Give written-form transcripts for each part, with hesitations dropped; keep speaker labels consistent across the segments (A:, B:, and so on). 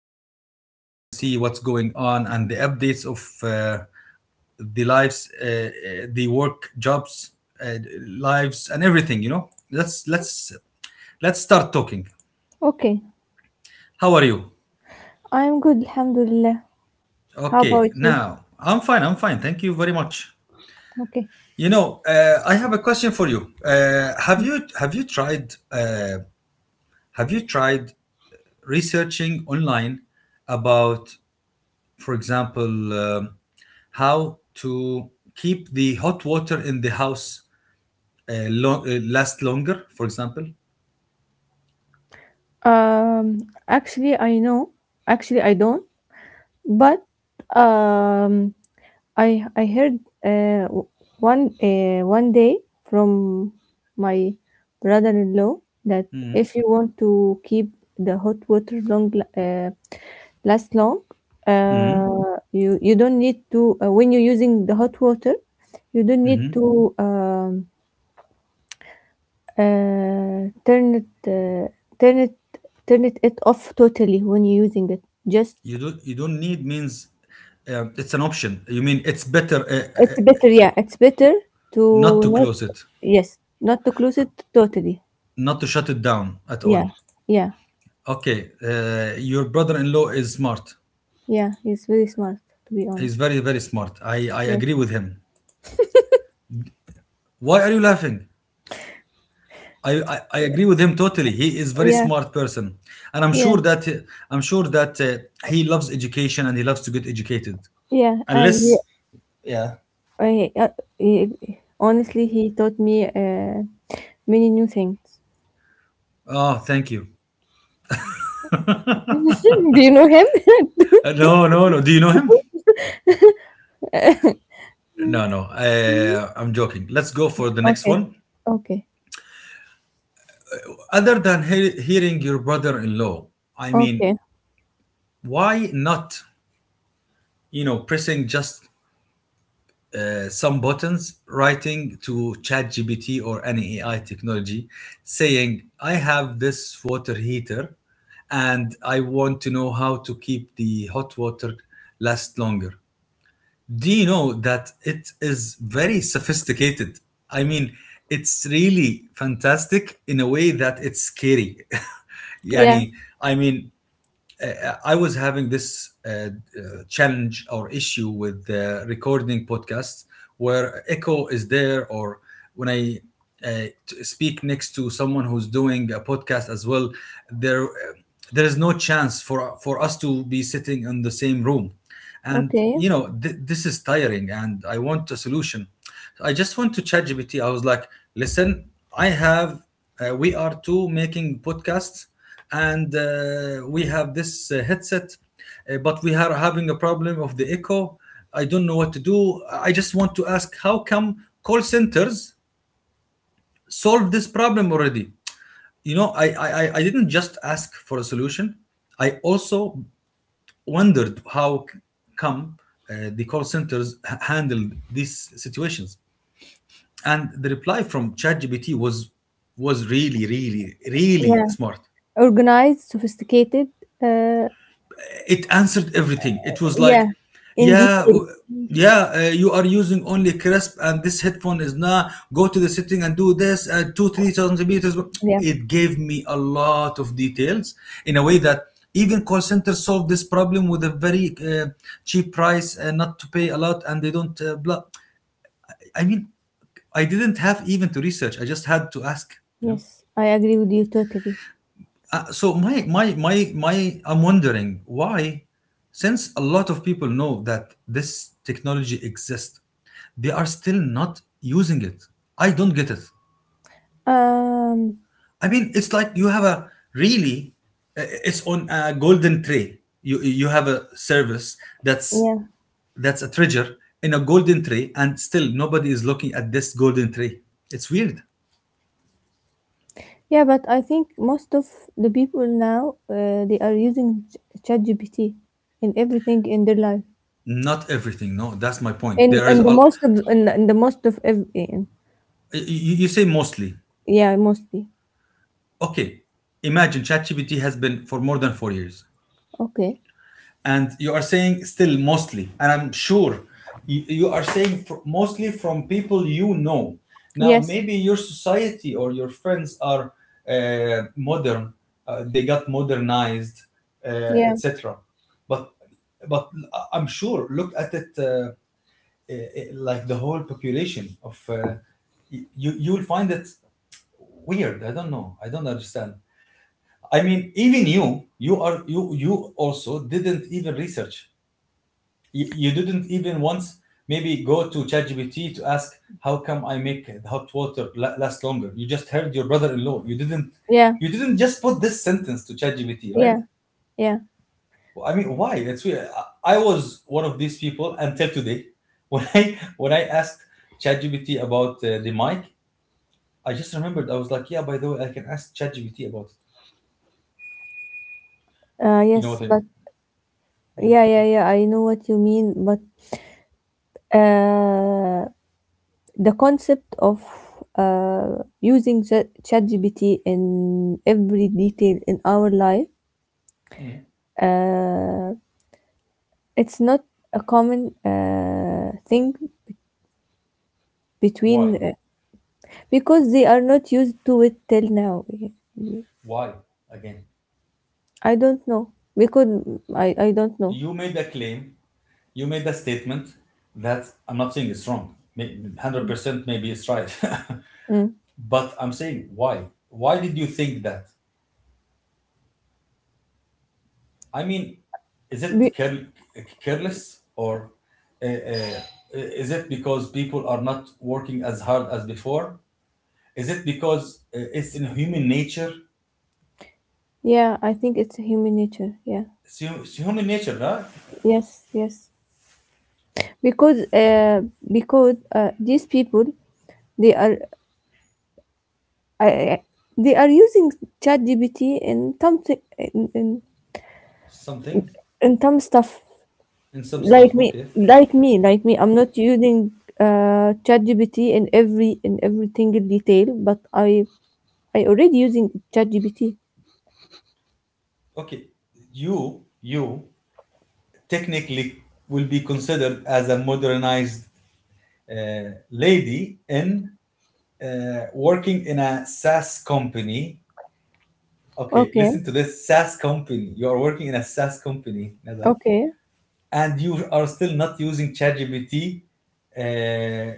A: learn, we can see what's going on and the updates of uh, the lives, the work jobs, uh, lives, and everything. Let's let's start talking.
B: Okay.
A: How are you?
B: I'm good, Alhamdulillah. How
A: Okay,
B: about you?
A: now I'm fine. I'm fine. Thank you very much.
B: Okay.
A: I have a question for you. Have you tried have you tried researching online about, for example, how to keep the hot water in the house last longer? For example.
B: Um, actually, I know. Actually, I don't. But um, I heard uh, w- one one day from my brother-in-law that if you want to keep the hot water long uh, last long. You don't need to when you're using the hot water, you don't need to turn it turn it it off totally when you're using it. Just
A: You don't need means it's an option you mean it's better
B: it's better, yeah. It's better
A: not
B: to
A: to
B: not
A: close it,
B: yes, not to close it totally.
A: not to shut it down at
B: Yeah,
A: all.
B: yeah,
A: Okay your brother-in-law is smart.
B: yeah. He's very smart, to be
A: he's
B: honest.
A: very very smart. I agree
B: Yes.
A: with him. Why are you laughing? I agree with him totally. He is very
B: Yeah,
A: smart person, and I'm
B: yeah,
A: sure that I'm sure that uh, he loves education and he loves to get educated.
B: yeah.
A: Unless, yeah.
B: I, uh, he honestly, he taught me many new things.
A: Oh, thank you.
B: Do you know him?
A: No, no, no. Do you know him? No, no, I'm joking. Let's go for the next
B: Okay.
A: one.
B: Okay.
A: Other than hearing your brother in law, I mean,
B: Okay.
A: why not, you know, pressing just some buttons, writing to ChatGPT or any AI technology, saying, I have this water heater and I want to know how to keep the hot water last longer. Do you know that it is very sophisticated? I mean, it's really fantastic in a way that it's scary.
B: Yeah.
A: يعني I mean I was having this challenge or issue with recording podcasts where echo is there, or when I uh, speak next to someone who's doing a podcast as well, there uh, there is no chance for us to be sitting in the same room, and
B: Okay.
A: this is tiring, and I want a solution. I just went to ChatGPT. I was like, listen, I have we are two making podcasts and we have this headset but we are having a problem of the echo. I don't know what to do. I just want to ask, how come call centers solve this problem already? I didn't just ask for a solution, I also wondered how come the call centers handled these situations. And the reply from ChatGPT was, was really, really
B: Yeah.
A: smart.
B: Organized, sophisticated, uh,
A: It answered everything. It was
B: yeah,
A: like,
B: in
A: yeah,
B: detail.
A: yeah, you are using only crisp, and this headphone is not. Go to the setting and do this. Two, 3,000 meters.
B: Yeah.
A: It gave me a lot of details in a way that even call centers solve this problem with a very cheap price, not to pay a lot, and they don't. Blah. I mean, I didn't have even to research. I just had to ask. You know.
B: Yes, I agree with you totally.
A: So my my my my I'm wondering why, since a lot of people know that this technology exists, they are still not using it. I don't get it.
B: Um,
A: I mean, it's like you have a really, it's on a golden tray. You have a service that's
B: yeah.
A: that's a treasure in a golden tray, and still nobody is looking at this golden tray. It's weird.
B: Yeah, but I think most of the people now, they are using ChatGPT in everything in their life.
A: Not everything. No, that's my point.
B: In
A: There is
B: in the
A: a.
B: most of in the most of every
A: You say mostly.
B: yeah, mostly.
A: Okay, imagine ChatGPT has been for more than 4 years,
B: Okay.
A: and you are saying still mostly, and I'm sure you are saying mostly from people you know. Now,
B: Yes.
A: maybe your society or your friends are modern, they got modernized, uh,
B: Yeah.
A: etc. But but I'm sure look at it like the whole population of you you'll find it weird. I don't know. I don't understand. I mean, even you, you are you you also didn't even research. You didn't even once maybe go to ChatGPT to ask how come I make hot water last longer. You just heard your brother-in-law.
B: Yeah.
A: You didn't just put this sentence to ChatGPT, right?
B: Yeah. Yeah.
A: Well, I mean, why? It's weird. I was one of these people until today. When I when I asked ChatGPT about the mic, I just remembered. I was like, yeah. By the way, I can ask ChatGPT about it. You know what
B: Yes,
A: I
B: but
A: mean? Yeah.
B: yeah, yeah, yeah. I know what you mean, but uh, the concept of using ChatGPT in every detail in our life,
A: Mm.
B: uh, it's not a common thing between
A: Why?
B: uh, because they are not used to it till now.
A: Why? Again,
B: I don't know because I don't know.
A: you made the claim, you made the statement that I'm not saying it's wrong. May- 100% maybe it's right.
B: Mm.
A: but I'm saying why? Why did you think that? I mean, is it
B: Be-
A: care- careless or uh, uh, is it because people are not working as hard as before? Is it because it's in human nature?
B: yeah, I think it's human nature. Yeah.
A: It's human nature, right?
B: Yes. Yes. Because these people they are uh, they are using ChatGPT in some thi-
A: Something
B: in some stuff
A: in some
B: like
A: stuff. Okay.
B: me. I'm not using ChatGPT in every single detail, but I already using ChatGPT.
A: Okay. You technically will be considered as a modernized lady in working in a SaaS company. Okay,
B: Okay,
A: listen to this SaaS company. You are working in a SaaS company, Nada,
B: okay.
A: and you are still not using ChatGPT uh, uh,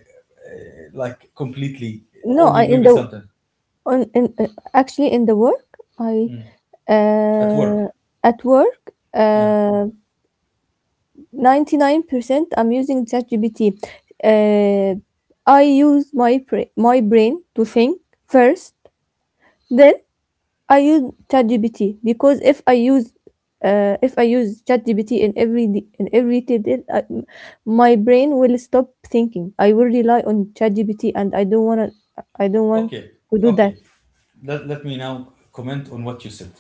A: like completely,
B: no
A: only
B: I in
A: maybe
B: the
A: sometimes.
B: on in actually in the work I
A: Mm. At work.
B: uh, at work,
A: Yeah.
B: 99% I'm using ChatGPT. Uh, I use my brain to think first, then I use ChatGPT, because if I use ChatGPT in every d- in every detail, my brain will stop thinking. I will rely on ChatGPT, and I don't wanna I don't want
A: Okay.
B: to do that.
A: Okay. Let me now comment on what you said.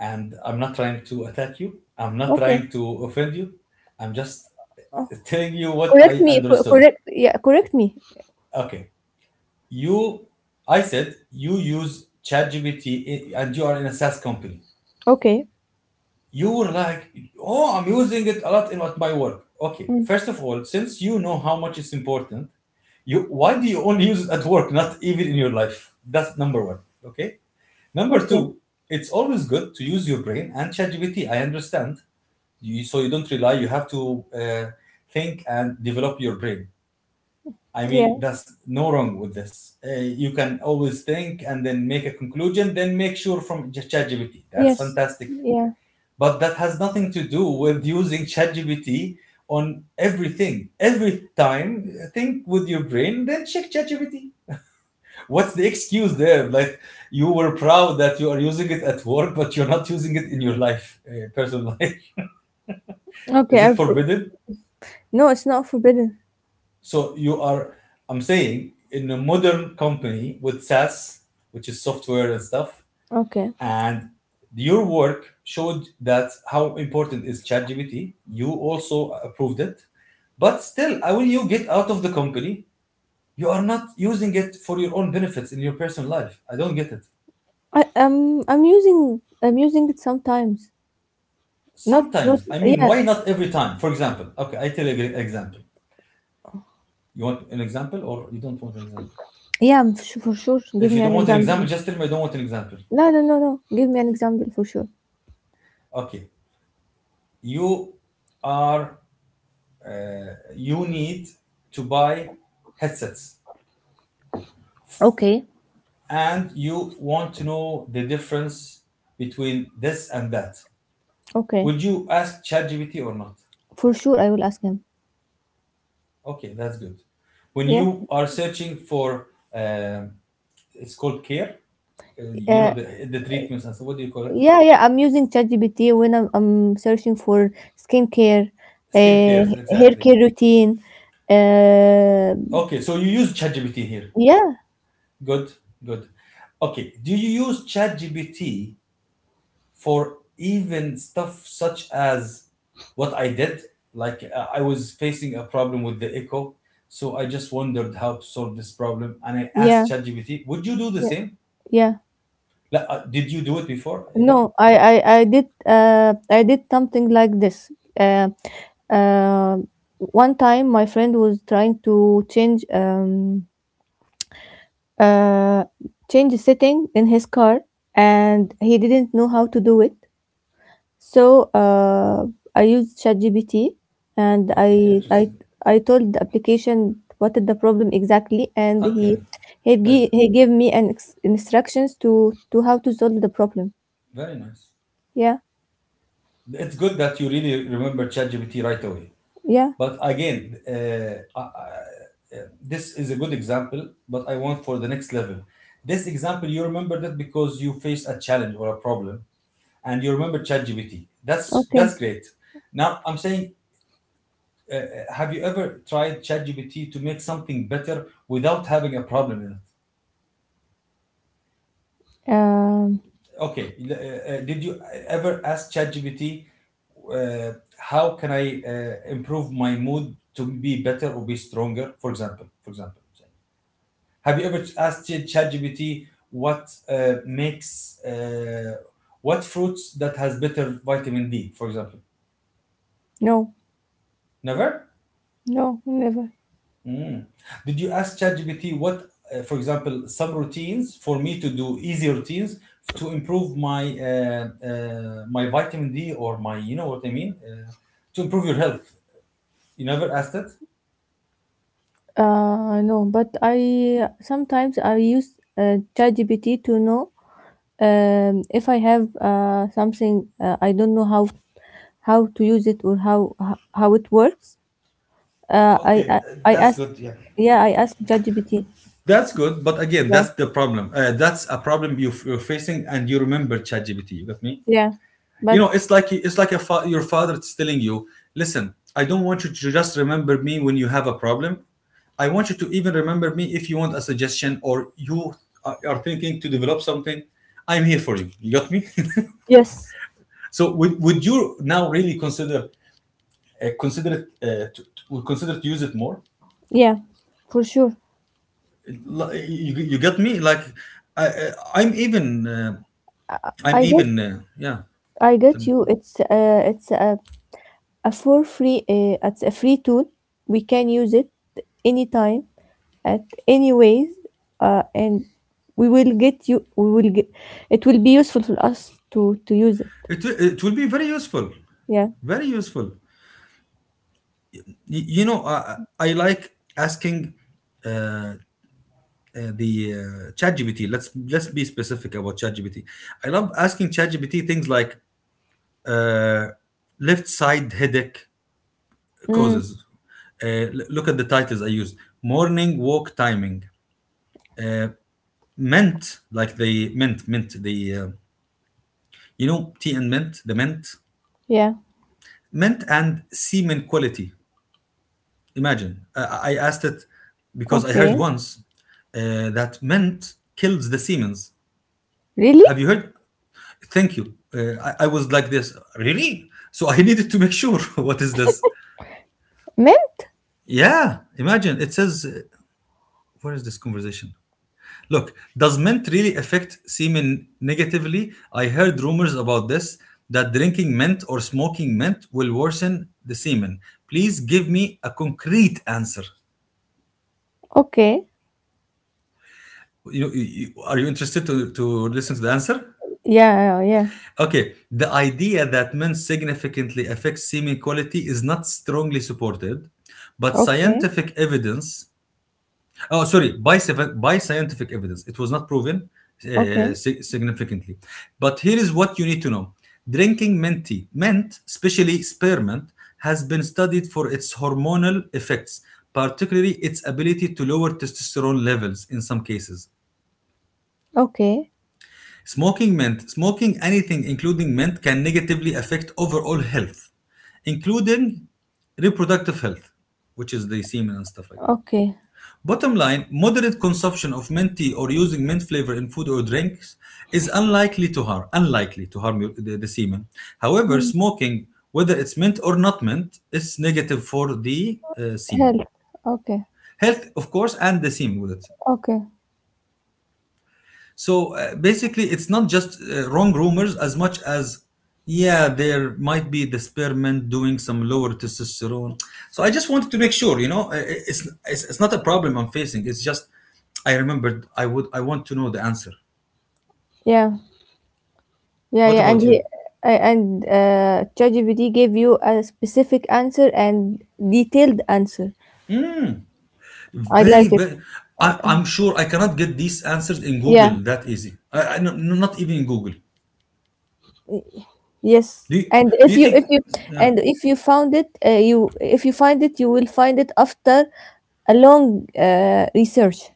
A: And I'm not trying to attack you. I'm not
B: Okay.
A: trying to offend you. I'm just
B: Oh,
A: telling you what I understood.
B: Correct, yeah, correct me.
A: Okay. You, I said you use ChatGPT and you are in a SaaS company.
B: Okay.
A: You were like, oh, I'm using it a lot in what my work. Okay.
B: Mm.
A: First of all, since you know how much it's important, you why do you only use it at work, not even in your life? That's number one. Okay. Number
B: Okay.
A: two, it's always good to use your brain and ChatGPT. I understand. You, so you don't rely you have to think and develop your brain. I
B: Yeah.
A: mean that's no wrong with this you can always think and then make a conclusion then make sure from ChatGPT. That's
B: Yes.
A: fantastic.
B: Yeah.
A: But that has nothing to do with using ChatGPT on everything every time. Think with your brain then check ChatGPT. What's the excuse there? Like, you were proud that you are using it at work but you're not using it in your life, personal life.
B: Okay.
A: Is it
B: I've
A: forbidden?
B: No, it's not forbidden.
A: So you are, I'm saying, in a modern company with SaaS, which is software and stuff,
B: Okay.
A: and your work showed that how important is ChatGPT. You also approved it, but still, how will you get out of the company? You are not using it for your own benefits in your personal life. I don't get it.
B: I'm using, I'm using it sometimes. Not, not,
A: Sometimes, I mean,
B: yeah.
A: why not every time? For example, okay, I tell you an example. You want an example or you don't want an example?
B: Yeah, for sure, give
A: If you
B: me
A: don't
B: an
A: want an
B: example.
A: example, just tell me I don't want an example.
B: No, no, no, no. Give me an example for sure.
A: Okay. you are you need to buy headsets
B: Okay.
A: and you want to know the difference between this and that.
B: Okay.
A: Would you ask ChatGPT or not?
B: For sure, I will ask him.
A: Okay, that's good. When
B: Yeah.
A: you are searching for um it's called care, you
B: Uh,
A: know, the treatments and so, what do you call it?
B: yeah, I'm using ChatGPT when I'm searching for skincare, uh,
A: Skin cares,
B: hair
A: exactly.
B: care routine. Uh,
A: Okay, so you use ChatGPT here.
B: yeah,
A: Good. Good. Okay, do you use ChatGPT for even stuff such as what I did? Like I was facing a problem with the echo, so I just wondered how to solve this problem, and I
B: yeah,
A: asked ChatGPT, "Would you do the
B: yeah,
A: same?
B: yeah.
A: Like, did you do it before
B: No,
A: even?"
B: I did something like this. Uh, uh, one time my friend was trying to change uh change a setting in his car, and he didn't know how to do it. So I used ChatGPT, and
A: Okay, interesting.
B: I told the application what is the problem exactly, and
A: Okay, good,
B: he gave me instructions to how to solve the problem.
A: very nice.
B: Yeah.
A: It's good that you really remember ChatGPT right away.
B: Yeah.
A: But again, this is a good example, but I want for the next level. This example, you remember that because you faced a challenge or a problem, and you remember ChatGPT.
B: Okay.
A: That's great. Now I'm saying, have you ever tried ChatGPT to make something better without having a problem in it?
B: Um,
A: Okay, did you ever ask ChatGPT how can I improve my mood to be better or be stronger? For example, for example. Have you ever asked ChatGPT what makes what fruits that has better vitamin D, for example?
B: no,
A: Never.
B: no, never.
A: Did you ask ChatGPT what, for example, some routines for me to do easy routines to improve my my vitamin D or my, you know what I mean, to improve your health? You never asked it.
B: No, but I sometimes I use ChatGPT to know if I have something I don't know how to use it or how it works.
A: Okay, th-
B: I
A: that's
B: ask,
A: good. Yeah,
B: yeah, I ask ChatGPT.
A: that's good. But again,
B: Yeah,
A: that's the problem. That's a problem you're facing, and you remember ChatGPT. You got me?
B: yeah,
A: you
B: but
A: know it's like your father is telling you, listen, I don't want you to just remember me when you have a problem. I want you to even remember me if you want a suggestion or you are thinking to develop something. I'm here for you. You got me?
B: yes,
A: So would you now really consider consider it to- would consider to use it more.
B: yeah, for sure.
A: You, you got me like I- uh, I'm
B: I get
A: even yeah
B: I
A: Tell
B: get
A: me,
B: you. It's a for free, it's a free tool. We can use it anytime at anyways, and we will get you we will get it will be useful for us to use it,
A: it, it will be very useful.
B: yeah.
A: Very useful. You know, I like asking uh, uh, the ChatGPT. Let's be specific about ChatGPT. I love asking ChatGPT things like uh, left side headache
B: Mm,
A: causes. Uh, Look at the titles I used: morning walk timing, mint, like the mint mint the you know tea and mint, the mint
B: yeah.
A: mint and semen quality. Imagine. I asked it because I heard
B: Okay,
A: once that mint kills the semen.
B: really?
A: Have you heard? Thank you. I was like this. Really? So I needed to make sure. What is this?
B: Men?
A: Yeah. Imagine it says, where is this conversation? Look, does mint really affect semen negatively? I heard rumors about this, that drinking mint or smoking mint will worsen the semen. Please give me a concrete answer.
B: Okay.
A: You know, are you interested to listen to the answer?
B: Yeah, yeah, yeah.
A: Okay, the idea that men significantly affect semen quality is not strongly supported, but
B: Okay,
A: scientific evidence, oh, sorry, by scientific evidence, it was not proven
B: okay,
A: significantly. But here is what you need to know: drinking mint tea, mint, especially spearmint, has been studied for its hormonal effects, particularly its ability to lower testosterone levels in some cases.
B: okay,
A: Smoking mint, smoking anything including mint can negatively affect overall health, including reproductive health, which is the semen and stuff like that.
B: okay.
A: Bottom line, moderate consumption of mint tea or using mint flavor in food or drinks is unlikely to harm the semen. However,
B: Mm.
A: smoking, whether it's mint or not mint, is negative for the semen.
B: Health. Okay.
A: Health, of course, and the semen with it.
B: Okay.
A: So basically, it's not just wrong rumors as much as, yeah, there might be the spearmint doing some lower testosterone. So I just wanted to make sure, you know, it's not a problem I'm facing. It's just, I remembered I want to know the answer.
B: Yeah, yeah,
A: What
B: yeah. and
A: about you?
B: he I- and ChatGPT gave you a specific answer and detailed answer. I
A: Very,
B: like it.
A: very.
B: I- uh,
A: I'm sure I cannot get these answers in
B: yeah.
A: Google that easy. I, no, no, not even in Google.
B: Yes,
A: Do you,
B: and
A: do you
B: if
A: think?
B: you
A: Yeah.
B: and if you found it, you if you find it, you will find it after a long research.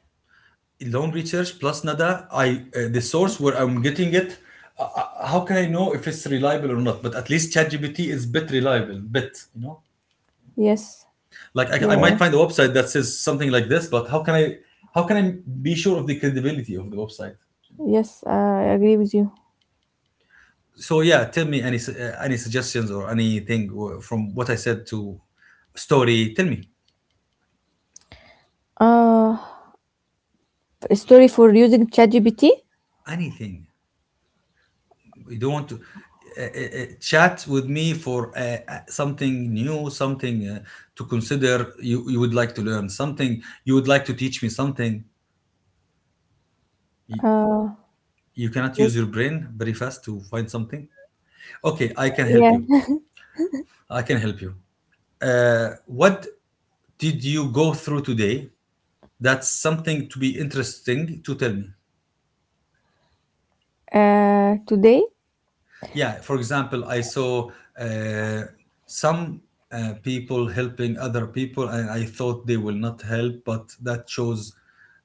A: Long research, plus nada. I The source where I'm getting it, how can I know if it's reliable or not? But at least ChatGPT is bit reliable, bit, you know,
B: Yes.
A: like
B: Yeah,
A: I might
B: yeah.
A: find a website that says something like this, but how can I be sure of the credibility of the website?
B: Yes, I agree with you.
A: So yeah, tell me any suggestions or anything from what I said to story. Tell me
B: Uh, a story for using ChatGPT.
A: anything. You don't want to chat with me for something new, something to consider. You would like to learn something. You would like to teach me something. You,
B: Uh,
A: you cannot
B: yes,
A: use your brain very fast to find something. Okay, I can help you.
B: yeah.
A: I can help you. What did you go through today? That's something to be interesting to tell me.
B: Today,
A: Yeah, for example, I saw uh, some people helping other people, and I thought they will not help, but that shows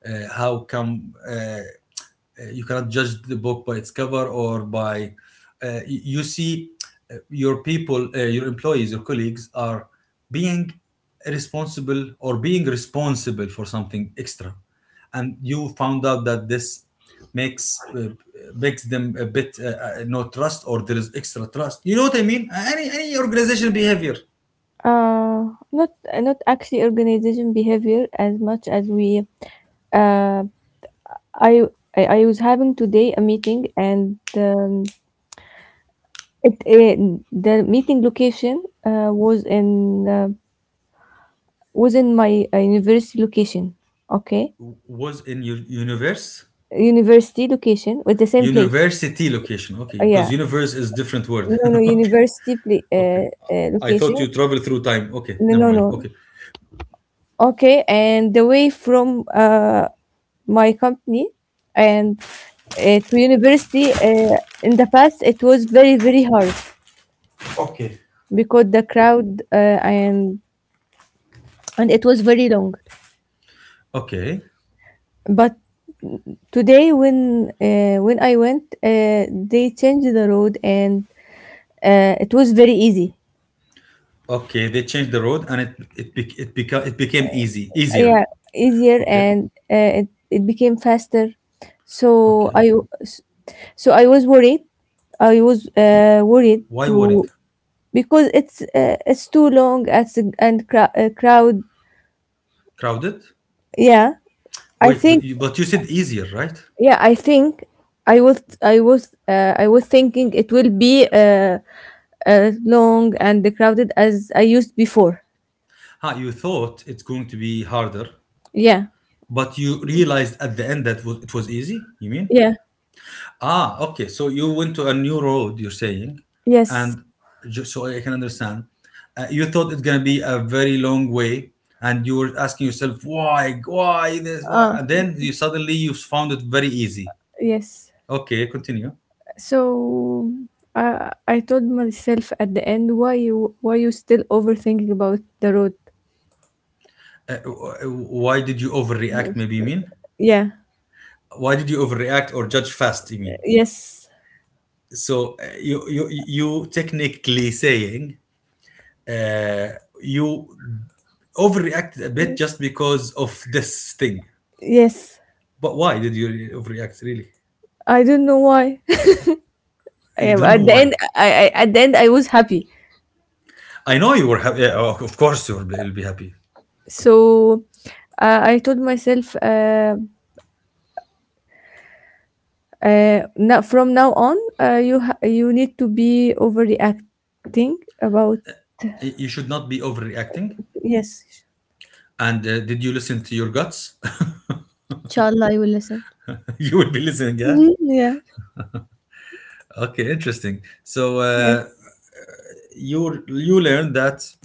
A: how come. You cannot judge the book by its cover, or by you see your people, your employees, your colleagues are being responsible or being responsible for something extra, and you found out that this makes makes them a bit no trust, or there is extra trust, you know what I mean, any organization behavior.
B: uh, not, not actually organization behavior as much as we. Uh, I I was having today a meeting. The meeting location was in my university location. Okay,
A: Was in your universe?
B: university location, with the same place.
A: University location, okay, because
B: Yeah,
A: universe is different word.
B: no, no,
A: Okay. I thought
B: location.
A: you travel through time. Okay,
B: No,
A: never
B: no,
A: mind.
B: no.
A: Okay.
B: Okay, and the way from my company and to university, in the past it was very, very hard
A: Okay.
B: because the crowd, and it was very long.
A: Okay.
B: But today, when I went, they changed the road, and it was very easy.
A: Okay, they changed the road, and it it became, it became easy easier.
B: Yeah, easier,
A: Okay.
B: and it it became faster. So
A: Okay.
B: I so I was worried. I was worried
A: Why worried?
B: to, because it's too long and crowd.
A: Crowded?
B: Yeah, I
A: Wait,
B: think.
A: but you said easier, right?
B: Yeah, I think I was thinking it will be long and crowded, as I used before.
A: Huh, you thought it's going to be harder,
B: Yeah,
A: but you realized at the end that was, it was easy? You mean?
B: yeah,
A: Ah, okay. So you went to a new road, you're saying,
B: yes,
A: and just so I can understand, you thought it's gonna be a very long way, and you were asking yourself why this, why,
B: uh,
A: and then you suddenly you found it very easy.
B: yes.
A: Okay, continue.
B: So I told myself at the end, why you still overthinking about the road?
A: Why did you overreact? Maybe you mean,
B: Yeah,
A: why did you overreact or judge fast? You mean,
B: yes,
A: so you you you technically saying uh, you overreacted a bit just because of this thing.
B: yes.
A: But why did you overreact? Really,
B: I don't know why.
A: you
B: Yeah, but
A: don't
B: at
A: know
B: the
A: why.
B: end, I at the end I was happy.
A: I know you were happy. Yeah, oh, of course, you will be, you'll be happy.
B: So uh, I told myself, uh, now, from now on, you need to be overreacting about.
A: You should not be overreacting.
B: Yes.
A: And did you listen to your guts?
B: Inshallah, I will listen.
A: You will be listening, yeah.
B: Mm, yeah.
A: Okay, interesting. So
B: Yeah.
A: you you learned that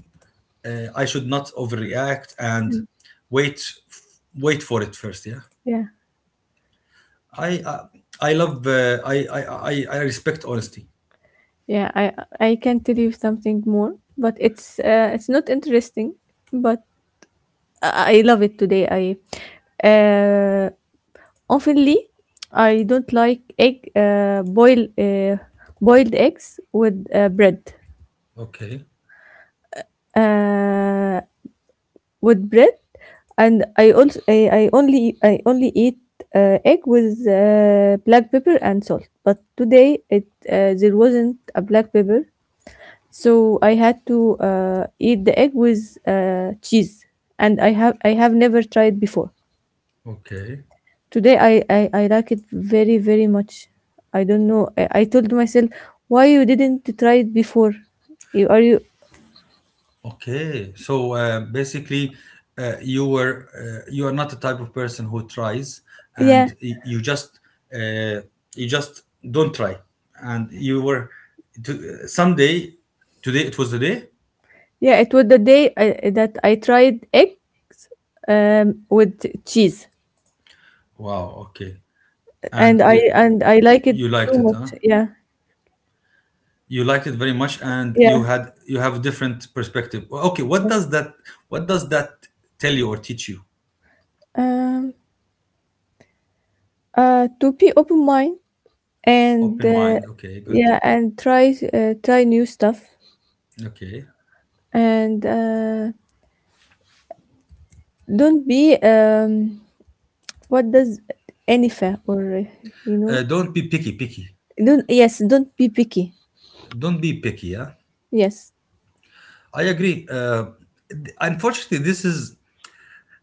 A: I should not overreact and
B: Mm.
A: wait, wait for it first, yeah.
B: Yeah.
A: I uh, I love I respect honesty.
B: Yeah. I can tell you something more, but it's not interesting, but I love it today. I uh, Oftenly I don't like egg boil boiled eggs with bread.
A: Okay.
B: Uh, with bread, and I also I only eat egg with black pepper and salt. But today it there wasn't a black pepper, so I had to eat the egg with cheese, and I have never tried before.
A: Okay.
B: Today I like it very, very much. I don't know. I told myself, why you didn't try it before? You are you
A: Okay, so basically, you were you are not the type of person who tries,
B: Yeah.
A: and uh, you just don't try, and you were to, someday, today it was the day.
B: Yeah, it was the day that I tried eggs with cheese,
A: Wow, okay, and
B: and
A: uh,
B: I like it
A: you
B: too
A: liked it,
B: much.
A: huh?
B: Yeah,
A: You liked it very much, and
B: yeah,
A: you have a different perspective. Okay,
B: yes.
A: what does that tell you or teach you?
B: Um, to be open mind, and
A: Open mind. Okay, good.
B: yeah, and try try new stuff,
A: Okay,
B: and don't be what does anyfa or you know.
A: don't be picky, picky,
B: Don't Yes, don't be picky.
A: don't be picky, yeah.
B: Yes,
A: I agree. Unfortunately,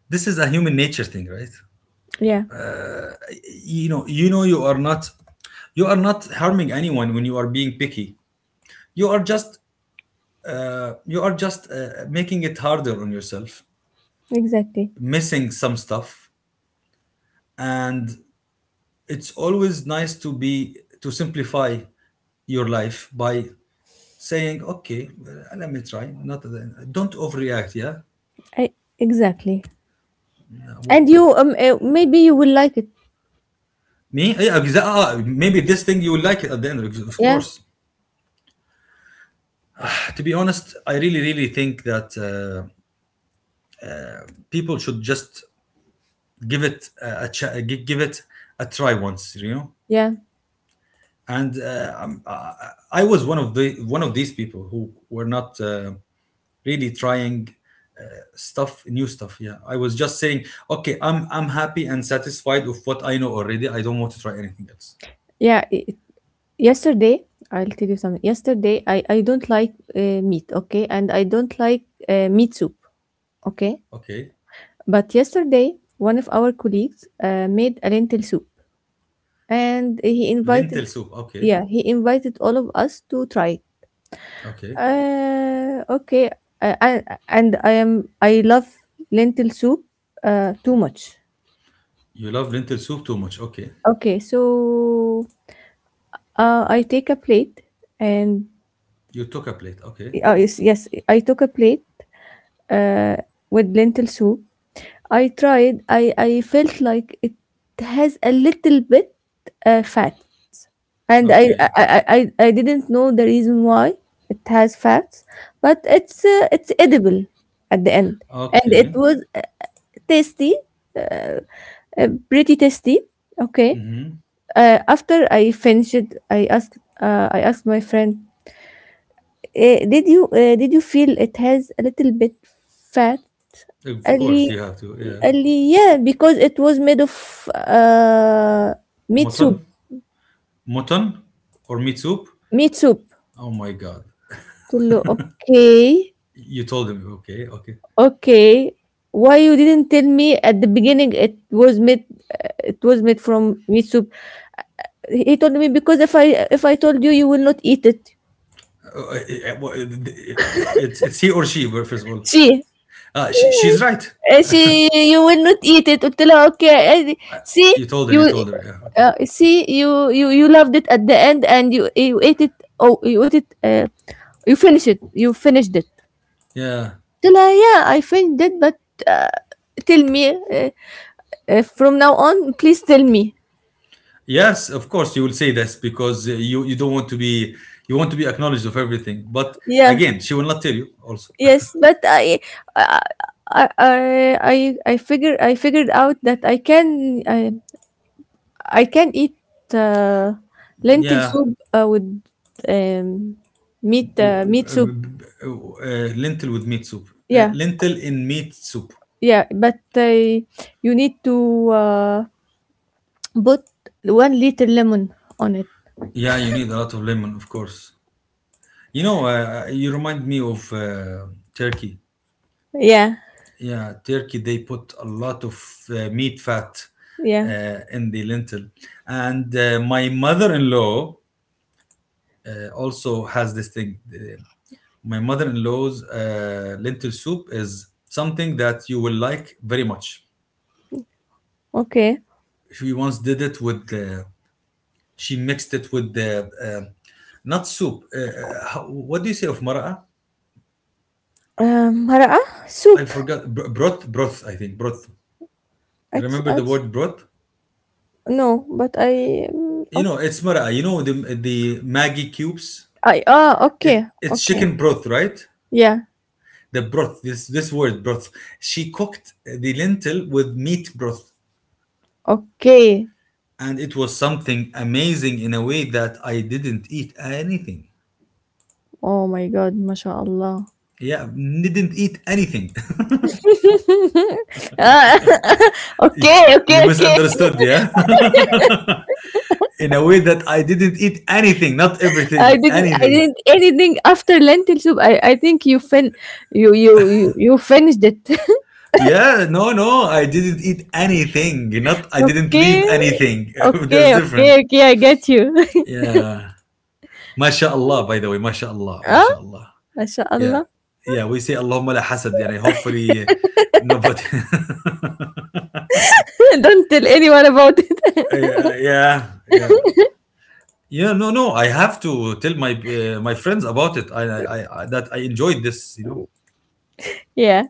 A: this is a human nature thing, right?
B: yeah,
A: You know, you know, you are not, you are not harming anyone when you are being picky. You are just you are just making it harder on yourself,
B: exactly.
A: missing some stuff, and it's always nice to be to simplify your life by saying, okay, let me try, not, don't overreact, yeah.
B: I exactly. And you maybe you will like it.
A: Me? Yeah, exactly. Ah, ah, maybe this thing you will like it at the end, of
B: Yeah,
A: course. To be honest, I really, really think that people should just give it a, give it a try once, you know.
B: yeah,
A: And I was one of the one of these people who were not really trying uh, stuff, new stuff. Yeah, I was just saying, okay, I'm happy and satisfied with what I know already. I don't want to try anything else.
B: yeah. Yesterday, I'll tell you something. Yesterday, I don't like meat, okay, and I don't like meat soup, okay.
A: Okay,
B: But yesterday, one of our colleagues made a lentil soup, and he invited,
A: lentil soup. Okay,
B: yeah, he invited all of us to try it.
A: okay.
B: Uh, okay, uh, I I am I love lentil soup too much.
A: You love lentil soup too much. Okay.
B: Okay, so I take a plate and
A: You took a plate. Okay.
B: Oh, yes, yes, I took a plate uh, with lentil soup. I tried. I felt like it has a little bit fat, and
A: Okay.
B: I didn't know the reason why it has fats, but it's edible at the end, and it
A: Okay.
B: was tasty, uh, pretty tasty. Okay.
A: Mm-hmm.
B: After I finished, I asked my friend, did you feel it has a little bit fat?
A: Of course,
B: Ali,
A: you have to. Yeah.
B: Ali, yeah, because it was made of uh meat soup.
A: Mutton? Mutton? Or meat soup?
B: Meat soup.
A: Oh my God.
B: قلت له okay.
A: You told him. Okay. Okay.
B: Okay, why you didn't tell me at the beginning it was made? It was made from meat soup. Eh, he told me, because if I told you, you will not eat it.
A: Uh, uh, uh, it's he or she, well, first of all.
B: See.
A: She, she's right.
B: She, you will not eat it until okay, eh, see.
A: You told her. You
B: You
A: told her. Yeah. Okay.
B: see, you loved it at the end, and you, eh, you ate it. Oh, you ate it, you finished it.
A: Yeah.
B: Yeah, I finished it, but uh, tell me from now on please tell me.
A: Yes, of course you will say this because you you don't want to be, you want to be acknowledged of everything. But
B: Yeah,
A: again, she will not tell you also.
B: yes. but I I I I I figure I figured out that I can eat uh, lentil
A: Yeah.
B: soup with um,
A: و-
B: meat soup.
A: lentil with meat soup.
B: Yeah,
A: Lentil in meat soup.
B: yeah, but you need to put 1 liter lemon on it.
A: Yeah, you need a lot of lemon, of course. You know, you remind me of Turkey.
B: Yeah,
A: Yeah, Turkey, they put a lot of meat fat
B: yeah,
A: in the lentil. And my mother in law also has this thing. My mother in law's lentil soup is something that you will like very much.
B: okay.
A: She once did it with. She mixed it with the um, not soup. How, what do you say of mara'a?
B: مرقة
A: I
B: soup.
A: forgot. Broth. Broth, I think broth. You remember the
B: It's
A: word broth?
B: No, but
A: You know, it's mara'a. You know the Maggie cubes.
B: I ah okay
A: It, it's
B: okay
A: chicken broth, right?
B: yeah
A: The broth. This word broth. She cooked the lentil with meat broth,
B: okay.
A: and it was something amazing in a way that I didn't eat anything.
B: Oh my God, ما شاء الله.
A: Yeah, didn't eat anything.
B: Ah, okay, okay,
A: You
B: okay.
A: misunderstood, yeah. In a way that I didn't eat anything, not
B: I
A: everything,
B: didn't. I
A: anything.
B: didn't anything after lentil soup. I think you fin you you you, you finished it.
A: Yeah, no, no, I didn't eat anything. Not I didn't leave
B: Okay,
A: anything.
B: okay,
A: There's
B: okay,
A: different.
B: okay. I get you.
A: Yeah. MashaAllah, by the way, MashaAllah,
B: Ah,
A: MashaAllah. Yeah.
B: mashallah.
A: Yeah, we say Allahumma la hasad. Yani hopefully nobody.
B: Don't tell anyone about it.
A: Yeah, yeah, yeah. Yeah, no, no. I have to tell my my friends about it. I that I enjoyed this. You know.
B: Yeah.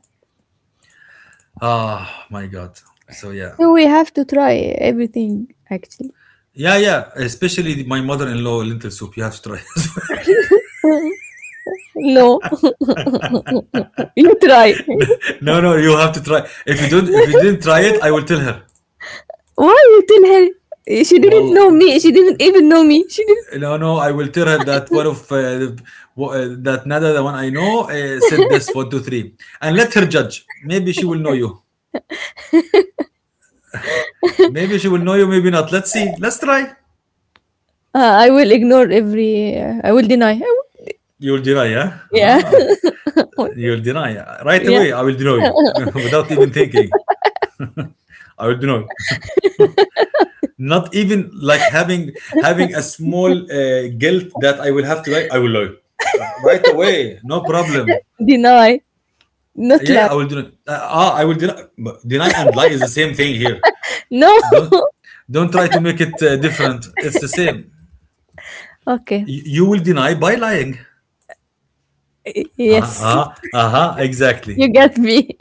A: Ah, my God. So yeah.
B: So we have to try everything actually.
A: Yeah, yeah. Especially my mother-in-law lentil soup. You have to try. as
B: No, you try.
A: well. No, no, you have to try. If you don't,
B: Why
A: if you didn't try it, I will tell her.
B: you tell her? She didn't
A: Well,
B: know me. She didn't even know me. She didn't.
A: no, no, I will tell her that one of the- wha- that Nada, the one I know, said this one, two, three, and let her judge. Maybe she will know you. Maybe she will know you. Maybe not. Let's see. Let's try.
B: I will ignore every. I will deny.
A: You'll deny, yeah?
B: Yeah,
A: Ah, you'll deny right
B: yeah.
A: away. I will deny you without even thinking. I will deny. Not even like having a small guilt that I will have to write. I will lie right away, no problem.
B: Deny, not
A: Yeah, yeah, I
B: lie.
A: will deny. I will deny. But deny and lie is the same thing here.
B: No.
A: Don't don't try to make it different. It's the same.
B: Okay.
A: You will deny by lying.
B: Y-
A: Uh-huh,
B: Yes.
A: uh-huh, uh-huh, exactly.
B: You get me.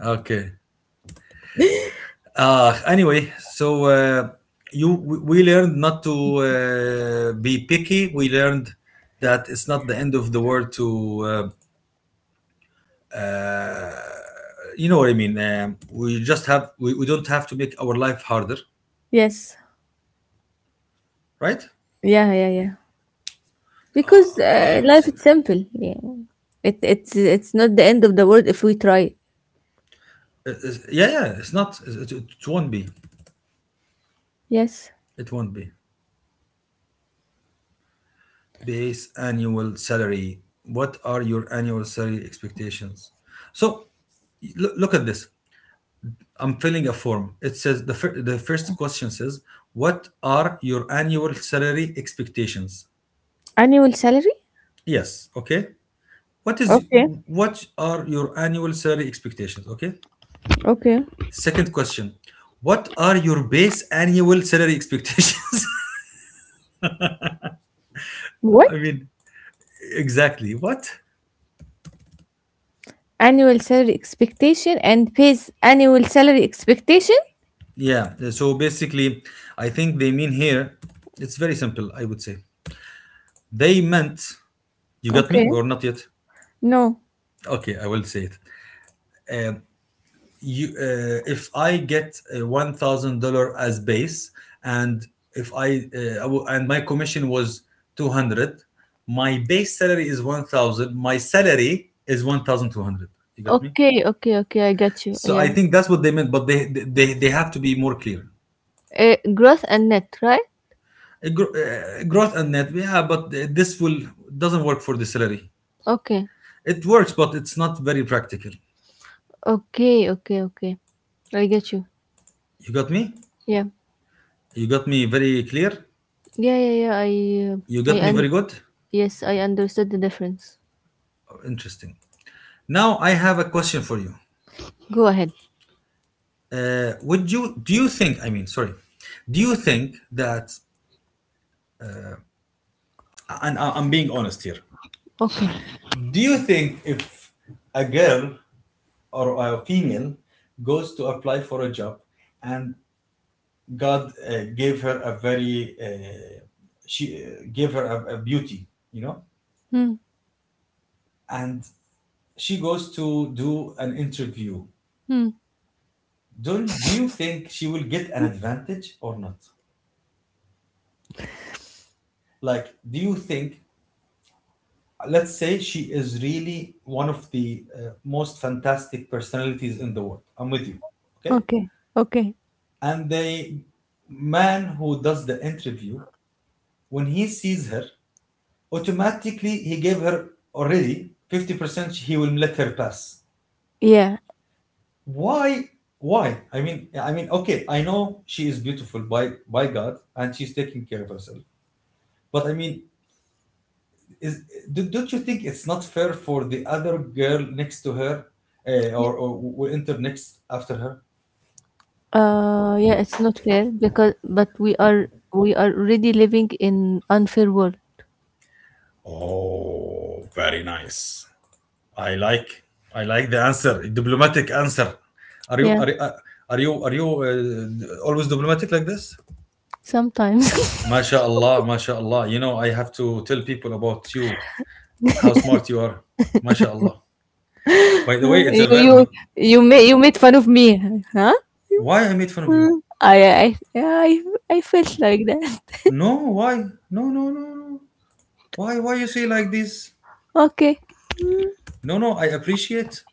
A: Okay. Anyway, you we learned not to be picky. We learned that it's not the end of the world to uh, uh, you know what I mean. We just we don't have to make our life harder,
B: Yes.
A: right?
B: Yeah, yeah, yeah. Because life
A: Sorry.
B: is simple. Yeah. It's not the end of the world if we try it.
A: Yeah, yeah. It's not. It won't be.
B: Yes.
A: It won't be. Base annual salary. What are your annual salary expectations? So look, look at this. I'm filling a form. It says the first question says, "What are your annual salary expectations?"
B: Annual salary?
A: Yes. Okay. What is
B: Okay.
A: what are your annual salary expectations? Okay.
B: Okay.
A: Second question, what are your base annual salary expectations? I
B: What?
A: mean, exactly. What?
B: Annual salary expectation and pays annual salary expectation?
A: Yeah. So basically, I think they mean here, it's very simple, I would say. They meant, you got me
B: Okay.
A: or not yet?
B: No.
A: Okay, I will say it. Um, if I get a $1,000 as base, and if I, I w- and my commission was 200, my base salary is 1,000. My salary is 1,200. You got me?
B: Okay, okay, okay. I got you.
A: So I
B: Yeah.
A: think that's what they meant, but they have to be more clear.
B: Gross and net, right?
A: Growth and net, yeah, but this will doesn't work for the salary.
B: Okay.
A: It works, but it's not very practical.
B: Okay, okay, okay. I get you.
A: You got me?
B: Yeah.
A: You got me very clear?
B: Yeah, yeah, yeah. Uh,
A: You
B: I
A: got me very
B: un-
A: good?
B: yes, I understood the difference.
A: Oh, interesting. Now I have a question for you.
B: Go ahead.
A: Would you do you think? I mean, sorry. Do you think that? And I'm being honest here.
B: Okay.
A: Do you think if a girl or a female goes to apply for a job and God gave her a very she gave her a beauty, you know,
B: Hmm.
A: and she goes to do an interview.
B: Hmm.
A: Do you think she will get an advantage or not? Like, do you think? Let's say she is really one of the most fantastic personalities in the world. I'm with you, okay?
B: Okay. Okay.
A: And the man who does the interview, when he sees her, automatically he gave her already 50%, he will let her pass.
B: Yeah.
A: Why? Why? I mean, I mean, okay, I know she is beautiful by God and she's taking care of herself, but I mean, is, don't you think it's not fair for the other girl next to her,
B: Yeah.
A: or will enter next after her?
B: Yeah, it's not fair because, but we are already living in unfair world.
A: Oh, very nice. I like, I like the answer, diplomatic answer. Are you
B: Yeah,
A: are, you- are you are you always diplomatic like this?
B: sometimes.
A: MashaAllah, MashaAllah. You know, I have to tell people about you, how smart you are. MashaAllah. By the way, it's
B: You
A: a
B: you
A: very.
B: you made fun of me, huh?
A: Why I made fun of you?
B: Hmm. I Yeah, I felt like that.
A: No, why? No, no, no, no. Why? Why you say like this?
B: Okay.
A: No, no. I appreciate.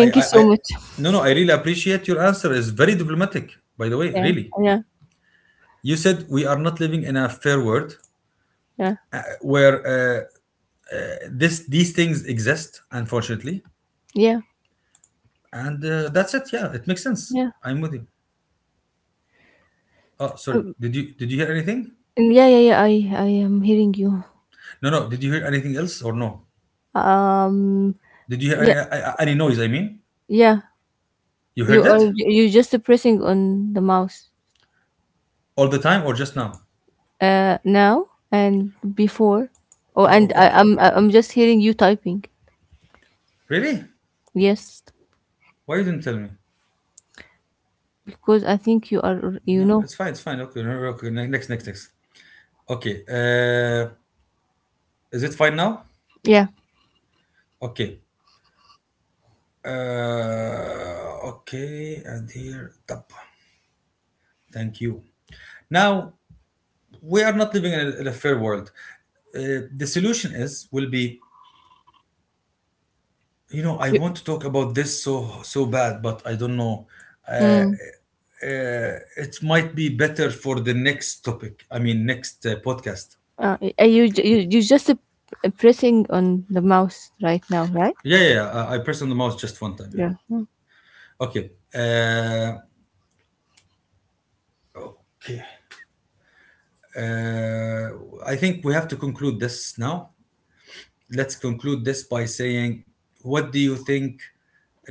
B: you so
A: I.
B: much.
A: No, no. I really appreciate your answer. It's very diplomatic. By the way,
B: Yeah.
A: really.
B: Yeah.
A: You said we are not living in a fair world,
B: Yeah.
A: where this these things exist, unfortunately,
B: Yeah,
A: and that's it. Yeah, it makes sense.
B: yeah,
A: I'm with you. Oh, sorry.
B: um,
A: Did you hear anything?
B: and yeah, yeah, yeah. I am hearing you.
A: No, no. Did you hear anything else or no?
B: Um,
A: Did you hear any,
B: yeah,
A: any noise? I mean,
B: yeah.
A: you heard
B: You are
A: it
B: you, just pressing on the mouse.
A: all the time or just now?
B: Now and before. Oh, and
A: Oh, okay.
B: I'm just hearing you typing.
A: Really?
B: Yes,
A: Why you didn't tell me?
B: because I think you are, you
A: No,
B: know.
A: it's fine. It's fine. Okay, no, no, okay. Next, next, next. Okay. Is it fine now?
B: Yeah.
A: Okay. Okay. And here, top. Thank you. Now we are not living in in a fair world. The solution is will be, you know, I
B: You,
A: want to talk about this so bad, but I don't know. Uh,
B: mm,
A: it might be better for the next topic. I mean, next podcast.
B: you you just pressing on the mouse right now, right?
A: Yeah, yeah, yeah, I pressed on the mouse just one time. Yeah. Okay. Okay. Uh, I think we have to conclude this now. Let's conclude this by saying, what do you think,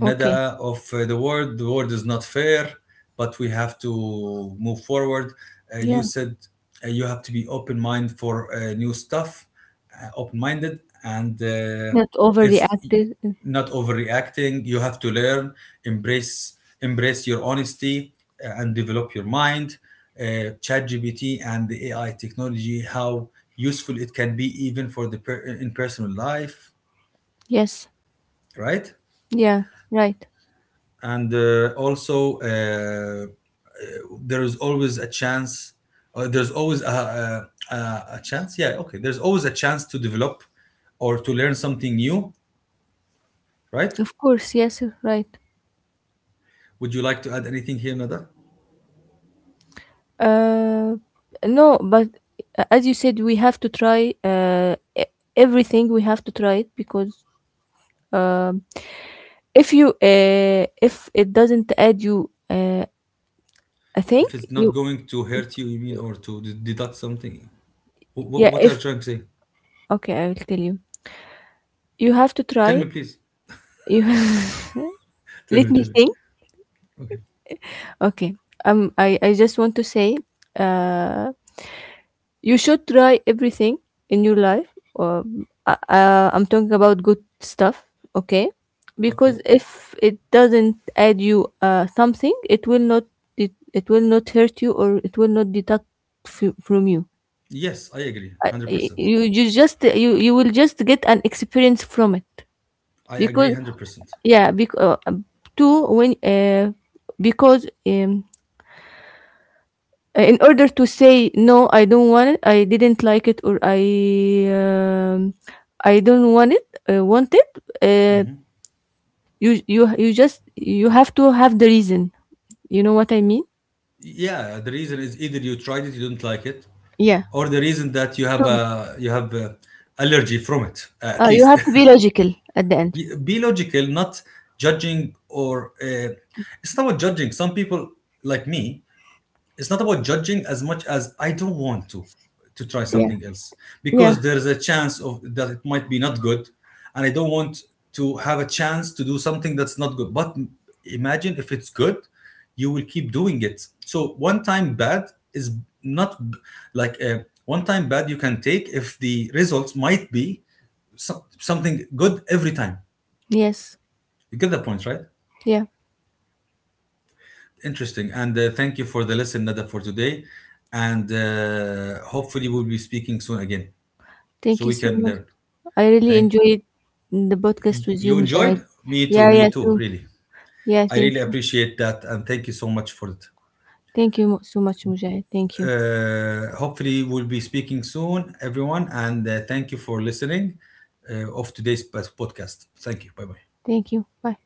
B: Okay.
A: of the world. The world is not fair, but we have to move forward.
B: Yeah.
A: You said you have to be open mind for new stuff, open minded, and
B: Not
A: it's
B: overreacted.
A: not overreacting. You have to learn, embrace, embrace your honesty, and develop your mind. ChatGPT and the AI technology, how useful it can be even in personal life,
B: Yes.
A: right?
B: Yeah. Right.
A: And also there is always a chance, there's always a chance, yeah, okay, there's always a chance to develop or to learn something new, right?
B: Of course. Yes. Right.
A: Would you like to add anything here, Nada?
B: Uh, no, but as you said, we have to try everything. We have to try it, because um, if you if it doesn't add you a thing,
A: If it's not
B: you.
A: going to hurt you you mean or to deduct something,
B: Yeah.
A: what are you
B: If
A: trying to say?
B: okay, I will tell you. You have to
A: Tell me,
B: try.
A: please.
B: You.
A: Tell
B: Let
A: me, tell
B: me
A: me.
B: think.
A: Okay,
B: Okay. I just want to say uh you should try everything in your life. I'm talking about good stuff, okay?
A: okay.
B: Because if it doesn't add you something, it will not, it will not hurt you, or it will not deduct from you.
A: Yes, I agree
B: I-
A: 100%.
B: you just you You will just get an experience from it,
A: I agree
B: because
A: 100%.
B: yeah, because two when because in order to say no, I don't want it, I didn't like it, or um, I don't want it, want it. Uh, you just, you have to have the reason. You know what I mean?
A: Yeah, the reason is either you tried it, you don't like it,
B: Yeah.
A: or the reason that you have
B: To,
A: a, you have a allergy from it. At
B: you
A: least
B: have to be logical at the end.
A: Be logical, not judging, or it's not about judging some people like me. It's not about judging as much as I don't want to try
B: Yeah.
A: something else,
B: Yeah.
A: because there's a chance of that it might be not good, and I don't want to have a chance to do something that's not good. But imagine if it's good, you will keep doing it. So one time bad is not b- like a one time bad you can take if the results might be something good every time.
B: Yes.
A: You get the point, right?
B: Yeah.
A: Interesting. And thank you for the lesson, Nada, for today. And hopefully, we'll be speaking soon again
B: Thank
A: so
B: you
A: we
B: so
A: can
B: much.
A: learn.
B: I really
A: Thank
B: enjoyed the
A: you.
B: podcast with you,
A: You
B: Mujahid.
A: enjoyed?
B: Yeah.
A: Me
B: Yeah.
A: too,
B: Too.
A: really.
B: Yeah.
A: I
B: Thank
A: really
B: you.
A: appreciate that. And thank you so much for it.
B: Thank you so much, Mujahid. Thank you.
A: Hopefully, we'll be speaking soon, everyone. And thank you for listening of today's podcast. Thank you. Bye bye.
B: Thank you. Bye.